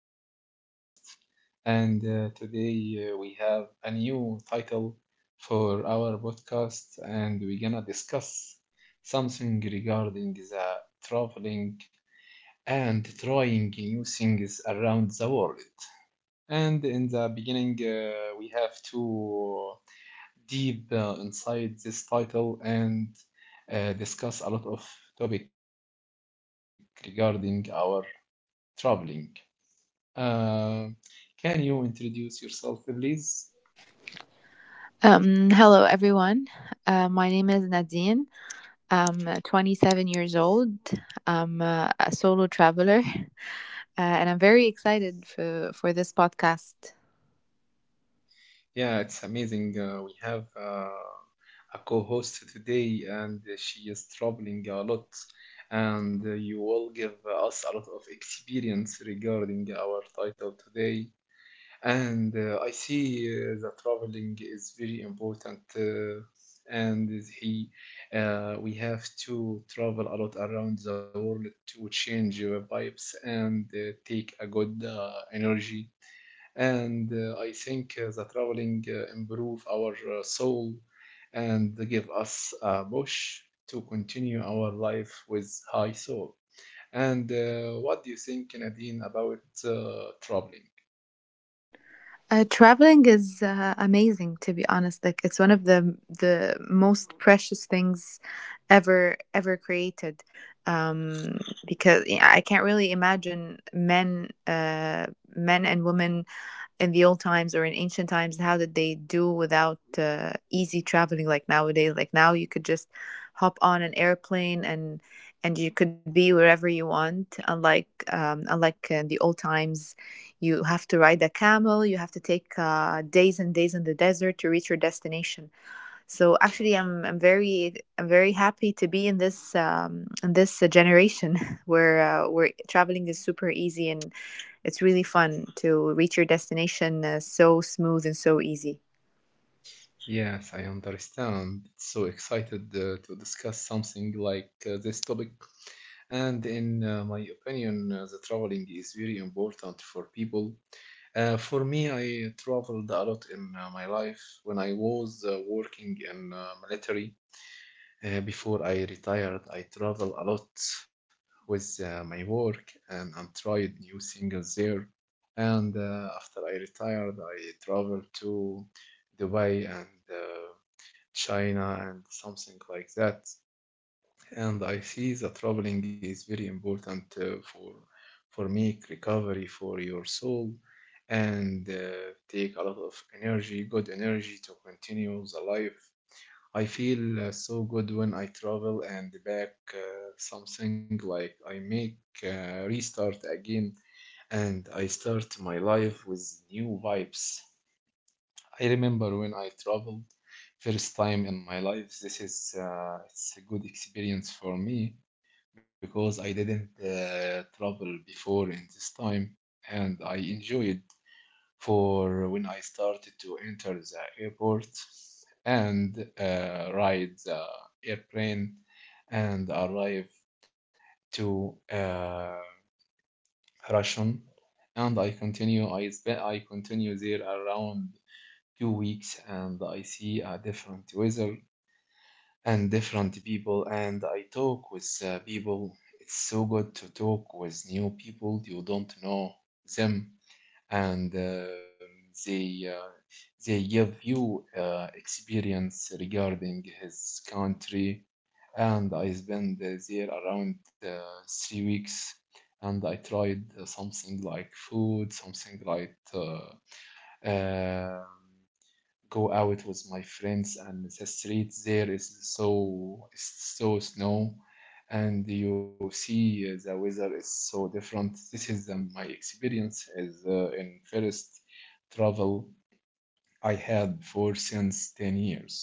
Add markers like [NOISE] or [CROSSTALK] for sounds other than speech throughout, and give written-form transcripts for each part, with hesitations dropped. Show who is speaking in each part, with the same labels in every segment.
Speaker 1: our podcast, and today we have a new title for our podcast, and we're gonna discuss something regarding the traveling and trying new things around the world. And in the beginning, we have to deep inside this title and discuss a lot of topic regarding our traveling. Uh, can you introduce yourself, please?
Speaker 2: Hello, everyone. My name is Nadine. I'm 27 years old. I'm a solo traveler, and I'm very excited for this podcast.
Speaker 1: Yeah, it's amazing. We have a co-host today, and she is traveling a lot, and you will give us a lot of experience regarding our title today. And I see that traveling is very important, and is he, we have to travel a lot around the world to change vibes and take a good energy. And I think the traveling improve our soul and give us a push to continue our life with high soul. And what do you think, Nadine, about traveling?
Speaker 2: Traveling is amazing, to be honest. Like, it's one of the most precious things ever created. Um, because yeah, I can't really imagine men and women in the old times or in ancient times, how did they do without easy traveling like nowadays? Like, now you could just hop on an airplane, and you could be wherever you want, unlike unlike in the old times, you have to ride a camel, you have to take days and days in the desert to reach your destination. So actually, I'm very happy to be in this in this generation [LAUGHS] where traveling is super easy, and it's really fun to reach your destination so smooth and so easy.
Speaker 1: Yes, I understand. So excited to discuss something like this topic. And in my opinion, the traveling is very important for people. For me, I traveled a lot in my life. When I was working in military, before I retired, I traveled a lot with my work and tried new things there. And after I retired, I traveled to Dubai and China and something like that. And I see that traveling is very important for make recovery for your soul and take a lot of energy, good energy to continue the life. I feel so good when I travel and back something like I make restart again and I start my life with new vibes. I remember when I traveled first time in my life. This is it's a good experience for me because I didn't travel before in this time, and I enjoyed for when I started to enter the airport and ride the airplane and arrive to Russian, and I continue there around 2 weeks and I see a different weather and different people and I talk with people. It's so good to talk with new people. You don't know them and they uh, they give you experience regarding his country. And I spent there around 3 weeks and I tried something like food, something like uh, go out with my friends and the street there is so snow and you see the weather is so different. This is my experience as in first travel I had for since 10 years.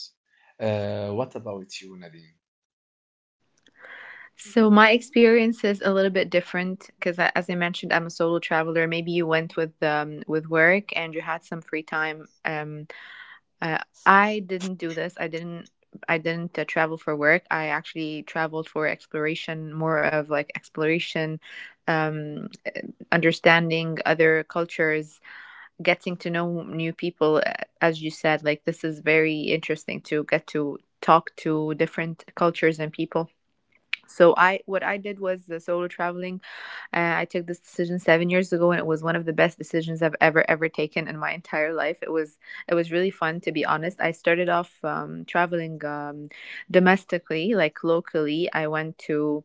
Speaker 1: What about you, Nadine?
Speaker 2: So my experience is a little bit different because, as I mentioned, I'm a solo traveler. Maybe you went with work and you had some free time. Uh, I didn't do this. I didn't. I didn't travel for work. I actually traveled for exploration, more of like exploration, um, understanding other cultures, getting to know new people, as you said, like, this is very interesting to get to talk to different cultures and people. So I what I did was the solo traveling. I took this decision 7 years ago, and it was one of the best decisions I've ever taken in my entire life. It was, it was really fun, to be honest. I started off traveling domestically, like locally. I went to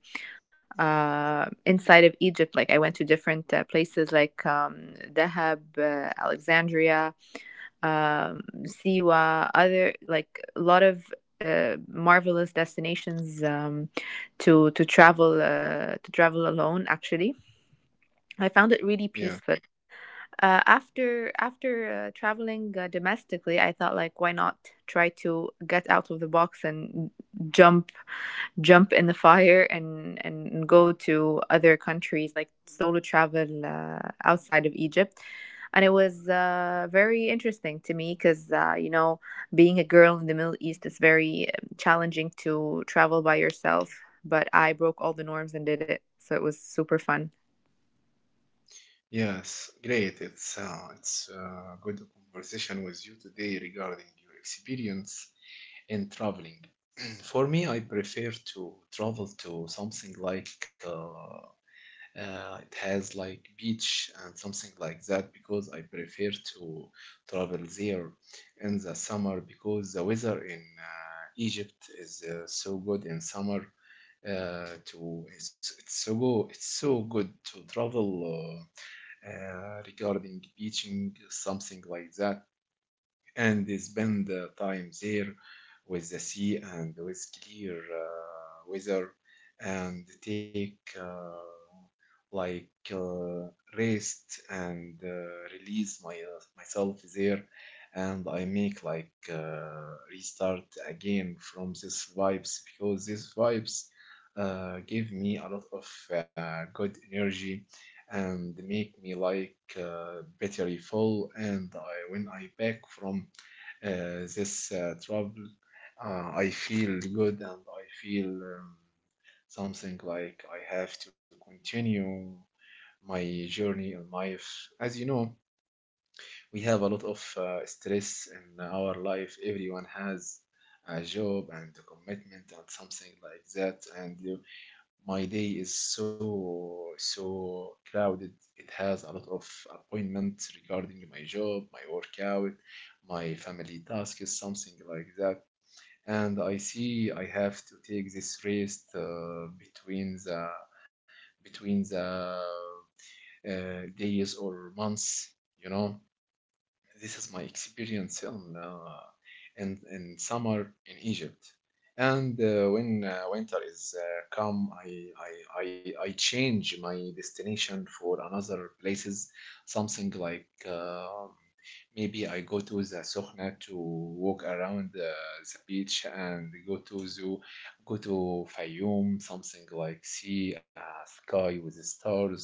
Speaker 2: inside of Egypt, like I went to different places like Dahab, Alexandria, Siwa, other, like a lot of marvelous destinations to travel alone. Actually, I found it really
Speaker 1: Yeah,
Speaker 2: peaceful. After traveling domestically, I thought, like, why not try to get out of the box and jump jump in the fire and go to other countries, like solo travel outside of Egypt. And it was very interesting to me because, you know, being a girl in the Middle East, it's very challenging to travel by yourself. But I broke all the norms and did it. So it was super fun.
Speaker 1: yes, great. It's a good conversation with you today regarding your experience in traveling. For me, I prefer to travel to something like it has like beach and something like that because I prefer to travel there in the summer because the weather in Egypt is so good in summer. To it's so go It's so good to travel regarding beaching something like that and they spend time there with the sea and with clear weather and take like uh, rest and release my myself there and I make like restart again from this vibes because these vibes give me a lot of good energy and make me like battery full and I, when I back from this travel, I feel good and I feel something like I have to continue my journey in life. As you know, we have a lot of stress in our life. Everyone has a job and a commitment and something like that. And my day is so, so crowded. It has a lot of appointments regarding my job, my workout, my family tasks, something like that and I see I have to take this rest between the days or months, you know. This is my experience on in summer in Egypt, and when winter is come, I change my destination for another places, something like. Maybe I go to the Sokhna to walk around the beach and go to zoo, go to Fayoum, something like see a sky with the stars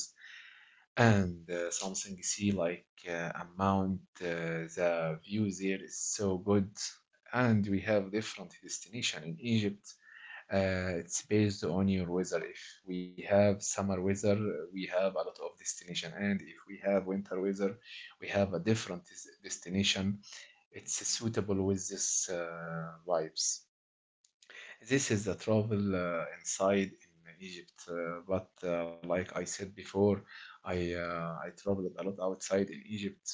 Speaker 1: and something see like amount the view there is so good and we have different destination in Egypt. It's based on your weather. If we have summer weather, we have a lot of destination, and if we have winter weather, we have a different destination. It's suitable with this vibes. This is the travel inside in Egypt, but like I said before, I traveled a lot outside in Egypt,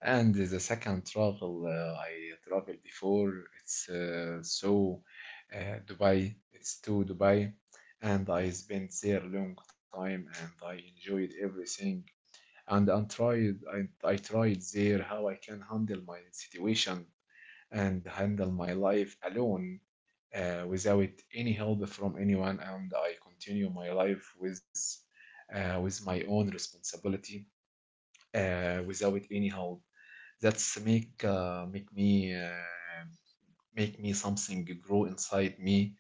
Speaker 1: and the second travel I traveled before it's Dubai. It's to Dubai, and I spent there a long time, and I enjoyed everything. And I tried there how I can handle my situation and handle my life alone without any help from anyone, and I continue my life with my own responsibility without any help. That's make me something grow inside me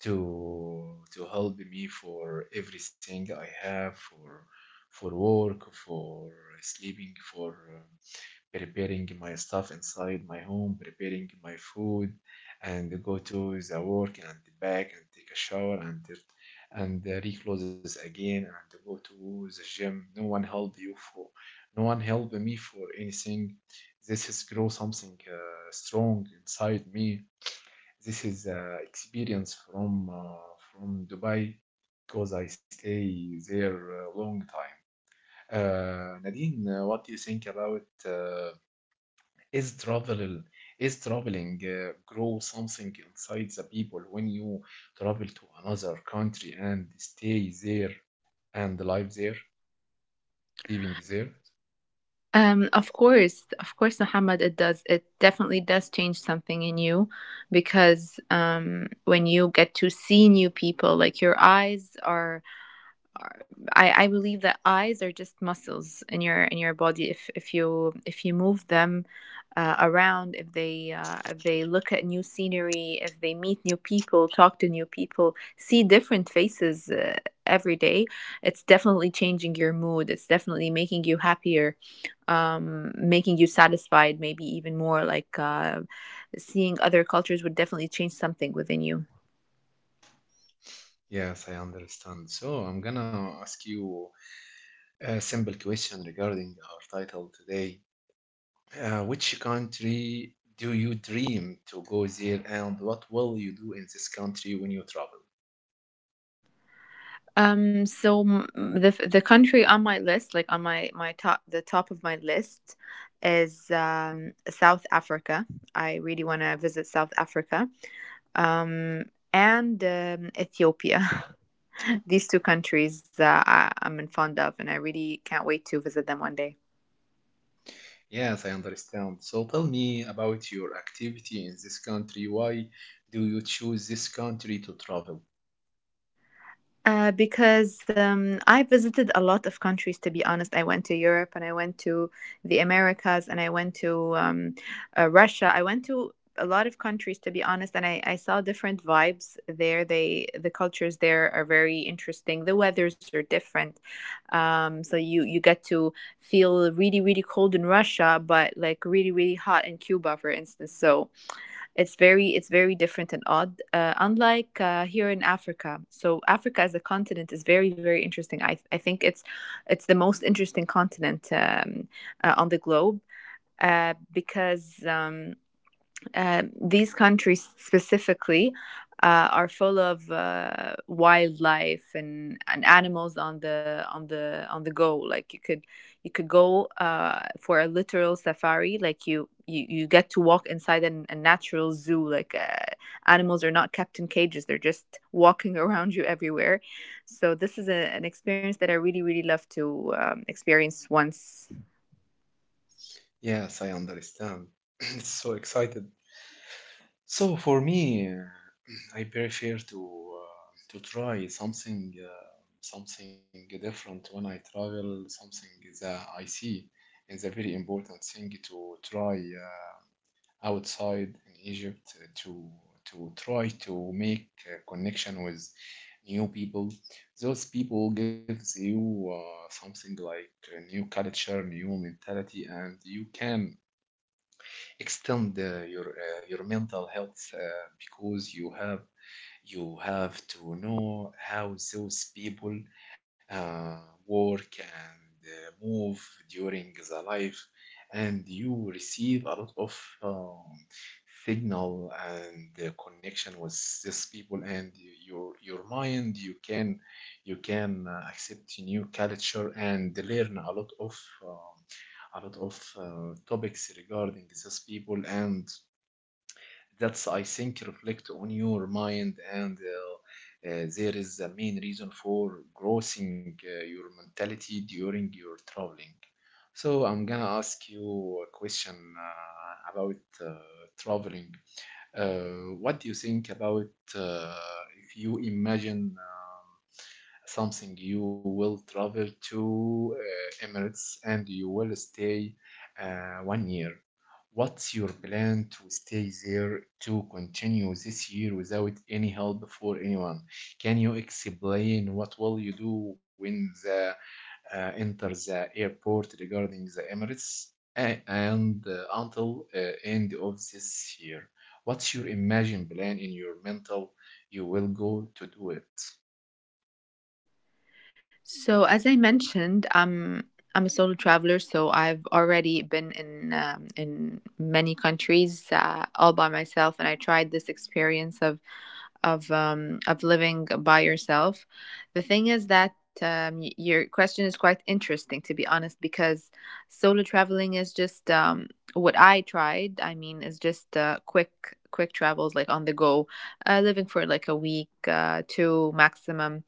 Speaker 1: to help me for everything I have for work, for sleeping, for preparing my stuff inside my home, preparing my food, and go to the work and back and take a shower and recloses again and go to the gym. No one help you for, no one help me for anything. This is grow something strong inside me. This is experience from Dubai because I stay there a long time. Nadine, what do you think about is travel is traveling grow something inside the people when you travel to another country and stay there and live there living there?
Speaker 2: Of course, of course, Muhammad, it does. It definitely does change something in you because when you get to see new people, like, your eyes are, I believe that eyes are just muscles in your body. If you move them around, if they look at new scenery, if they meet new people, talk to new people, see different faces every day, it's definitely changing your mood. It's definitely making you happier, making you satisfied, maybe even more. Like, seeing other cultures would definitely change something within you.
Speaker 1: Yes, I understand. So I'm gonna ask you a simple question regarding our title today. Which country do you dream to go there, and what will you do in this country when you travel?
Speaker 2: The country on my list, like on my my top the top of my list, is South Africa. I really want to visit South Africa um, and Ethiopia. [LAUGHS] These two countries, I'm in fond of, and I really can't wait to visit them one day.
Speaker 1: Yes, I understand. So tell me about your activity in this country. Why do you choose this country to travel?
Speaker 2: Because I visited a lot of countries, to be honest. I went to Europe, and I went to the Americas, and I went to Russia. I went to a lot of countries, to be honest, and I saw different vibes there. The cultures there are very interesting. The weathers are different, so you get to feel really cold in Russia, but like really hot in Cuba, for instance. So it's very different and odd, unlike here in Africa. So Africa as a continent is very interesting. I think it's the most interesting continent, on the globe because these countries specifically are full of wildlife and animals on the on the on the go. Like, you could go for a literal safari. Like, you get to walk inside an, a natural zoo. Like, animals are not kept in cages; they're just walking [LAUGHS] around you everywhere. So this is a, an experience that I really love to experience once.
Speaker 1: Yes, I understand. [CLEARS THROAT] It's so excited. So for me, I prefer uh, to try something something different when I travel, something that I see is a very important thing to try. Outside in Egypt to try to make a connection with new people. Those people gives you something like a new culture, new mentality, and you can extend your mental health because you have to know how those people uh, work and move during the life and you receive a lot of um, signal and connection with these people and your mind you can accept new culture and learn um, a lot of topics regarding these people, and that's I think reflect on your mind, and there is a main reason for growing your mentality during your traveling. So I'm gonna ask you a question about traveling. What do you think about uh, if you imagine something you will travel to Emirates and you will stay one year? What's your plan to stay there to continue this year without any help for anyone? Can you explain what will you do when the enter the airport regarding the Emirates and until end of this year. What's your imagined plan in your mental? You will go to do it.
Speaker 2: So, as I mentioned, I'm a solo traveler, so I've already been in many countries all by myself, and I tried this experience of of living by yourself. The thing is that your question is quite interesting, to be honest, because solo traveling is just what I tried. I mean, is just quick quick travels, like on the go, living for like a week, two maximum,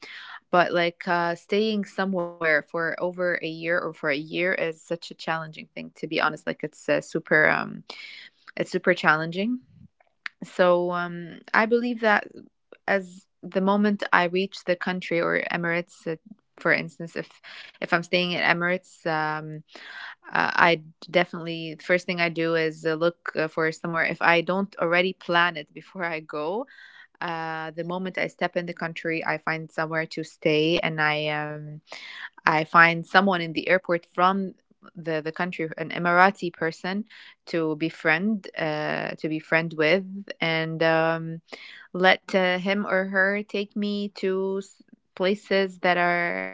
Speaker 2: but like staying somewhere for over a year or for a year is such a challenging thing, to be honest. Like, it's it's super challenging. So I believe that as the moment I reach the country or Emirates, for instance, if I'm staying in Emirates, I, definitely, first thing I do is look for somewhere. If I don't already plan it before I go, the moment I step in the country, I find somewhere to stay, and I find someone in the airport from the country, an Emirati person, to befriend with, and let him or her take me to places that are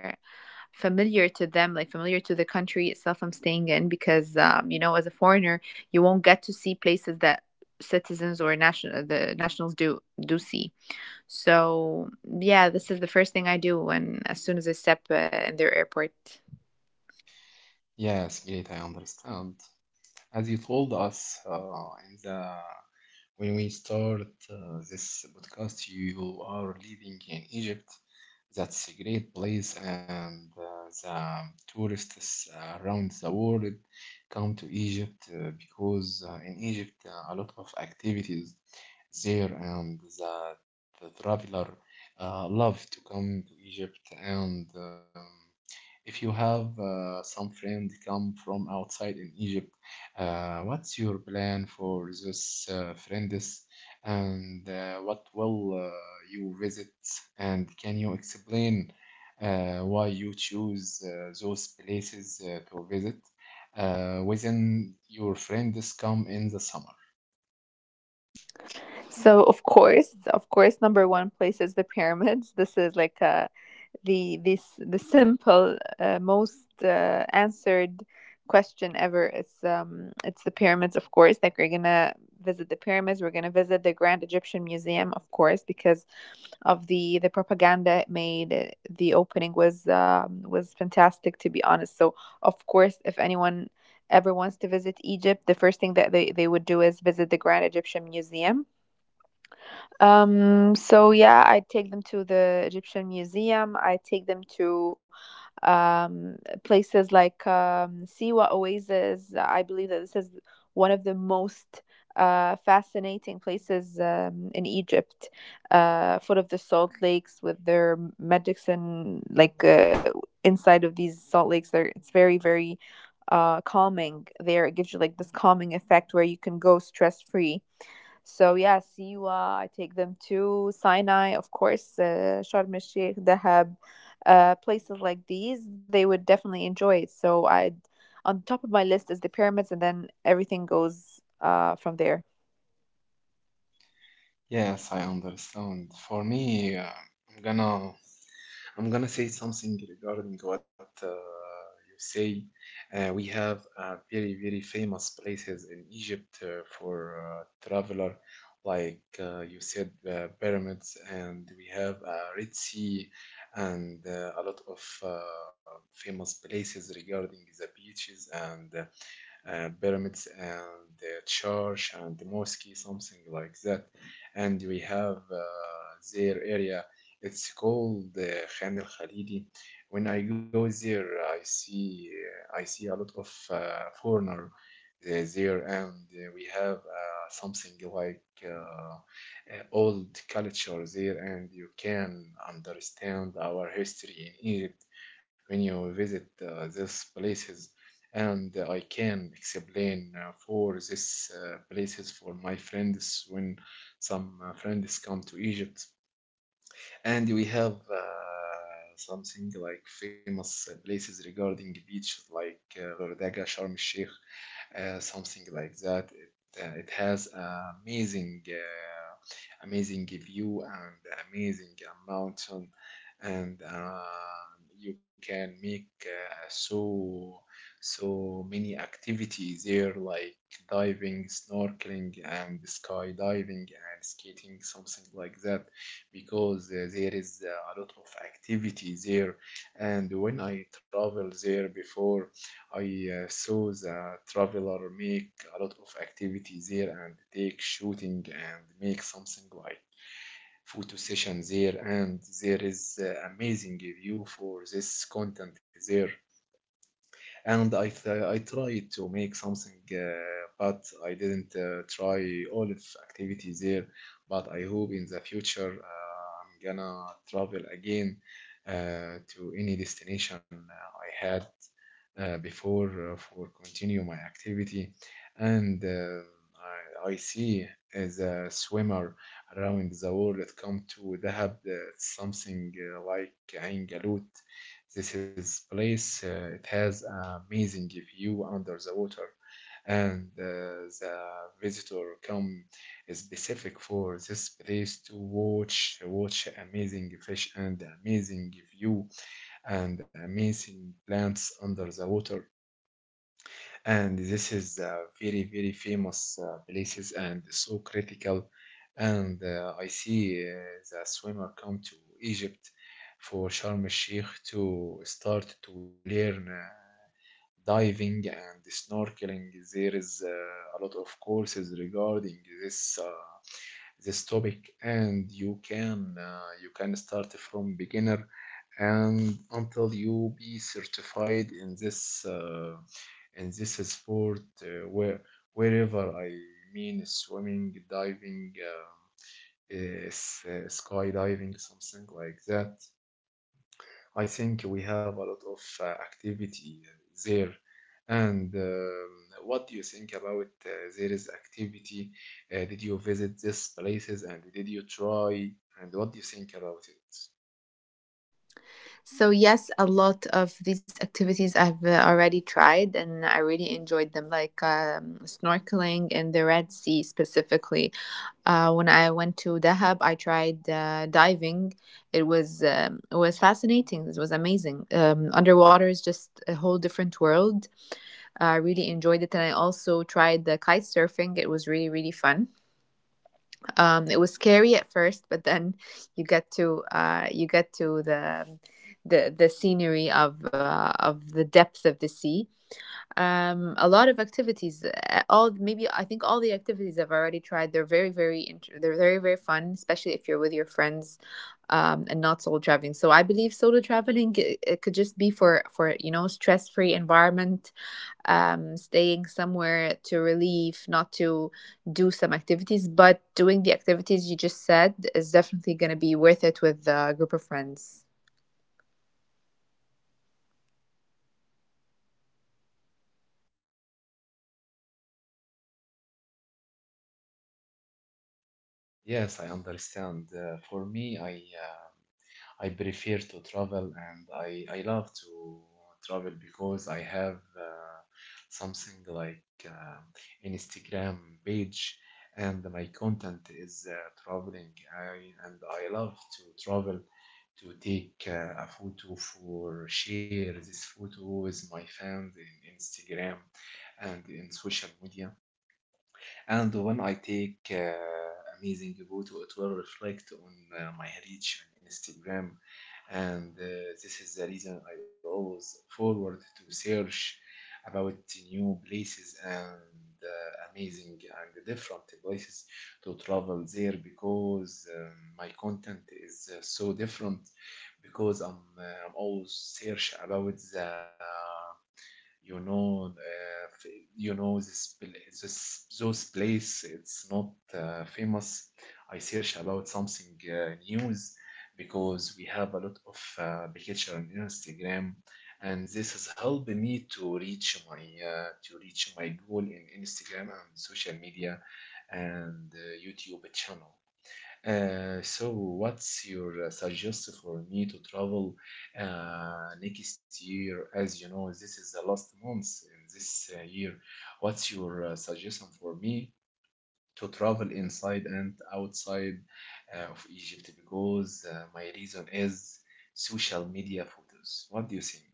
Speaker 2: familiar to them, like familiar to the country itself I'm staying in, because you know, as a foreigner, you won't get to see places that citizens or national the nationals do do see. So yeah, this is the first thing I do when, as soon as I step in their airport.
Speaker 1: Yes, great, I understand. As you told us in the when we start this podcast, you are living in Egypt. That's a great place, and the tourists around the world come to Egypt because in Egypt a lot of activities there and the traveler love to come to Egypt and if you have some friend come from outside in Egypt, what's your plan for those friends and what will you visit and can you explain why you choose those places to visit within your friends come in the summer?
Speaker 2: So of course, number one place is the pyramids. This is like a the this the simple most answered question ever is it's the pyramids, of course. Like, we're gonna visit the pyramids, we're gonna visit the Grand Egyptian Museum, of course, because of the propaganda it made. The opening was fantastic, to be honest. So of course, if anyone ever wants to visit Egypt, the first thing that they would do is visit the Grand Egyptian Museum. So yeah, I take them to the Egyptian Museum. I take them to um, places like Siwa Oasis. I believe that this is one of the most fascinating places in Egypt, foot of the salt lakes with their medicine, like inside of these salt lakes. There, it's very, very calming there. It gives you like this calming effect where you can go stress free. So yeah, Siwa, I take them to Sinai, of course, Sharm el Sheikh, Dahab, places like these. They would definitely enjoy it. So I, on top of my list is the pyramids, and then everything goes from there.
Speaker 1: Yes, I understand. For me, I'm gonna I'm gonna say something regarding what you say. We have very, very famous places in Egypt for traveler, like you said, pyramids, and we have Red Sea, and a lot of famous places regarding the beaches and pyramids and the church and the mosque, something like that. And we have their area. It's called Khan al Khalidi. When I go there, I see a lot of foreigner there, and we have something like old culture there, and you can understand our history in Egypt when you visit these places, and I can explain for this places for my friends when some friends come to Egypt. And we have something like famous places regarding beaches like Ghordaga, Sharm el Sheikh, something like that. It has amazing view and amazing mountain, and you can make so so many activities there like diving, snorkeling, and skydiving and skating, something like that, because there is a lot of activity there. And when I traveled there before, I saw the traveler make a lot of activity there and take shooting and make something like photo session there, and there is amazing view for this content there. And I tried to make something, but I didn't try all of activities there. But I hope in the future I'm gonna travel again to any destination I had before for continue my activity. And I see as a swimmer around the world come to Dahab, something like Ain Galut. This is place, it has an amazing view under the water, and the visitor come specific for this place to watch amazing fish and amazing view and amazing plants under the water, and this is very very famous places and so critical. And I see the swimmer come to Egypt for Sharm el Sheikh to start to learn diving and snorkeling. There is a lot of courses regarding this uh, this topic, and you can you can start from beginner and until you be certified in this sport, wherever I mean swimming diving, skydiving something like that. I think we have a lot of activity there. And what do you think about there is activity? Did you visit these places and did you try? And what do you think about it?
Speaker 2: So yes, a lot of these activities I've already tried, and I really enjoyed them, like snorkeling in the Red Sea specifically. When I went to Dahab, I tried diving. It was fascinating. It was amazing. Underwater is just a whole different world. I really enjoyed it, and I also tried the kite surfing. It was really fun. It was scary at first, but then you get to the scenery of the depth of the sea. A lot of activities. All, maybe I think all the activities I've already tried. They're they're very fun, especially if you're with your friends, and not solo traveling. So I believe solo traveling, it could just be for you know, stress free environment, staying somewhere to relieve, not to do some activities, but doing the activities you just said is definitely going to be worth it with a group of friends.
Speaker 1: Yes, I understand. For me, uh, I prefer to travel, and I love to travel because I have something like Instagram page, and my content is traveling. And I love to travel to take a photo for share this photo with my fans in Instagram and in social media. And when I take amazing photo, it will reflect on my reach on Instagram. And this is the reason I always forward to search about new places and amazing and different places to travel there, because my content is so different, because I'm always search about the you know uh, f- this those place it's not famous. I search about something news because we have a lot of picture on Instagram, and this has helped me to reach my goal in Instagram and social media and YouTube channel. So what's your suggestion for me to travel next year? As you know, this is the last month in this year. What's your suggestion for me to travel inside and outside of Egypt? Because my reason is social media photos. What do you think?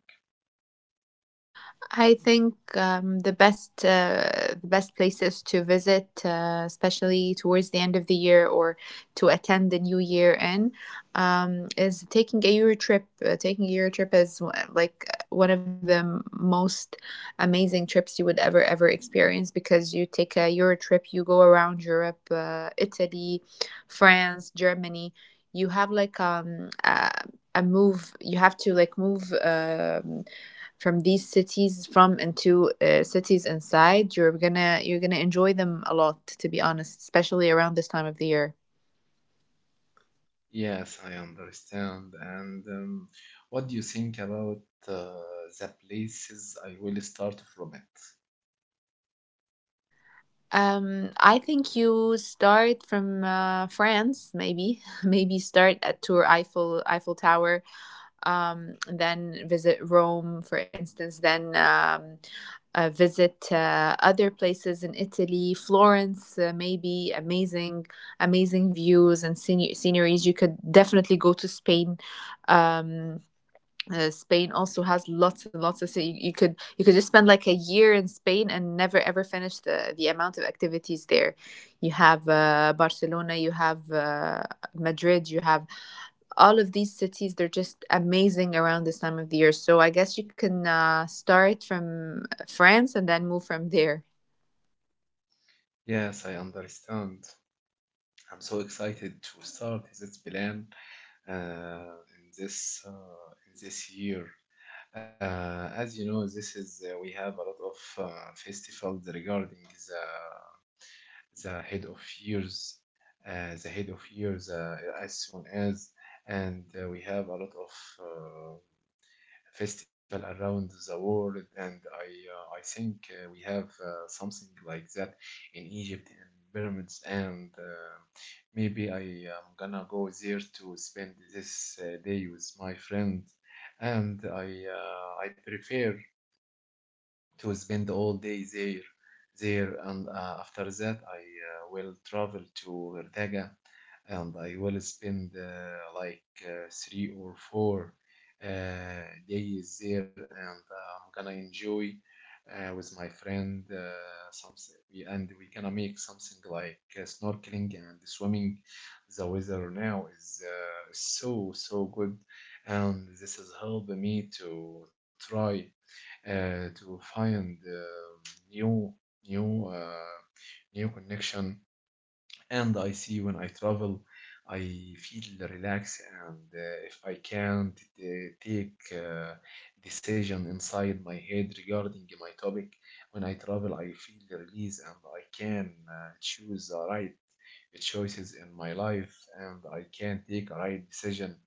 Speaker 2: I think the best places to visit, especially towards the end of the year or to attend the new year in, is taking a Euro trip. Taking a Euro trip is one of the most amazing trips you would ever experience, because you take a Euro trip, you go around Europe, Italy, France, Germany. You have like a move. You have to like move. From these cities from and to cities inside, you're gonna, you're gonna enjoy them a lot, to be honest, especially around this time of the year.
Speaker 1: Yes, I understand. And what do you think about the places I will start from it?
Speaker 2: I think you start from France, maybe. [LAUGHS] Maybe start at tour eiffel eiffel tower, then visit Rome, for instance, then visit other places in Italy, Florence, maybe amazing, amazing views and sceneries. You could definitely go to Spain. um, Spain also has lots and lots of, so you could, you could just spend like a year in Spain and never ever finish the amount of activities there. You have Barcelona, you have Madrid, you have all of these cities. They're just amazing around this time of the year. So I guess you can start from France, and then move from there.
Speaker 1: Yes, I understand. I'm so excited to start this plan uh, in this uh, in this year. As you know, this is we have a lot of festivals regarding the the head of years, as soon as, and we have a lot of uh, festival around the world. And I think we have something like that in Egypt in pyramids. And maybe I am gonna go there to spend this day with my friend, and I prefer to spend all day there. And after that I will travel to Verdaga, and I will spend like three or four days there. And I'm gonna enjoy with my friend something we gonna make something like snorkeling and swimming. The weather now is so so good, and this has helped me to try to find new new uh, new connection. And I see when I travel, I feel relaxed, and if I can't take decision inside my head regarding my topic, when I travel, I feel release, and I can choose the right choices in my life, and I can take a right decision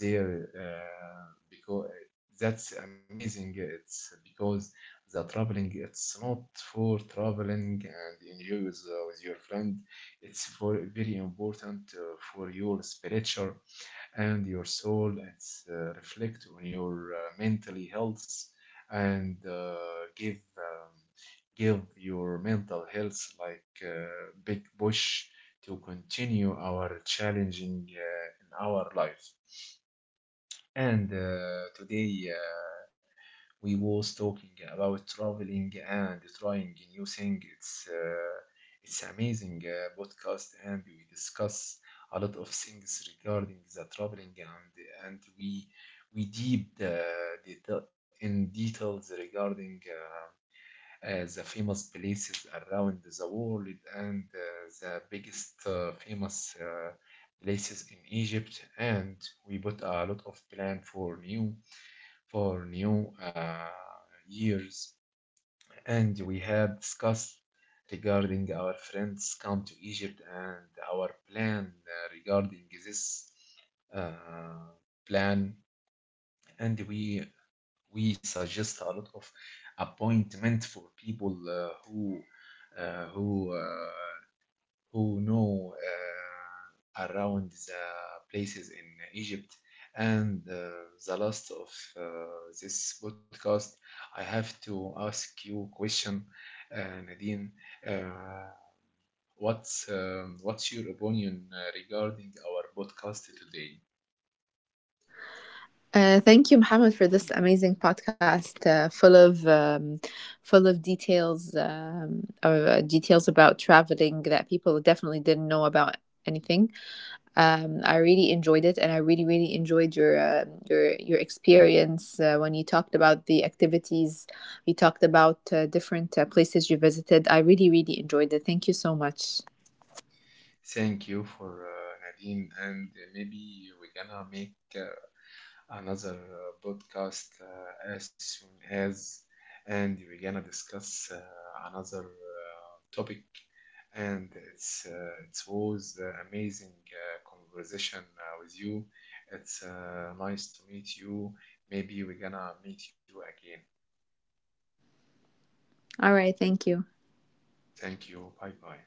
Speaker 1: there because that's amazing. It's because the traveling it's not for traveling and enjoy with your friend. It's for very important for your spiritual and your soul. It's reflect on your mentally health, and give um, give your mental health like big push to continue our challenging in our life. And today, we was talking about traveling and trying new things. It's amazing podcast, and we discuss a lot of things regarding the traveling, and we deep in details regarding. The famous places around the world, and the biggest famous places in Egypt, and we put a lot of plan for new years, and we have discussed regarding our friends come to Egypt, and our plan regarding this uh, plan. And we suggest a lot of appointment for people uh, who uh, who know around the places in Egypt. And the last of uh, this podcast, I have to ask you question, Nadine. Uh, what's your opinion regarding our podcast today?
Speaker 2: Thank you, Mohammed, for this amazing podcast, full of details, details about traveling that people definitely didn't know about anything. I really enjoyed it, and I really, really enjoyed your your experience when you talked about the activities. You talked about different places you visited. I really, really enjoyed it. Thank you so much.
Speaker 1: Thank you for Nadine, and maybe we're gonna make another podcast as soon as, and we're gonna discuss another topic. And it was amazing conversation with you. It's nice to meet you. Maybe we're gonna meet you again.
Speaker 2: All right, thank you.
Speaker 1: Thank you. Bye bye.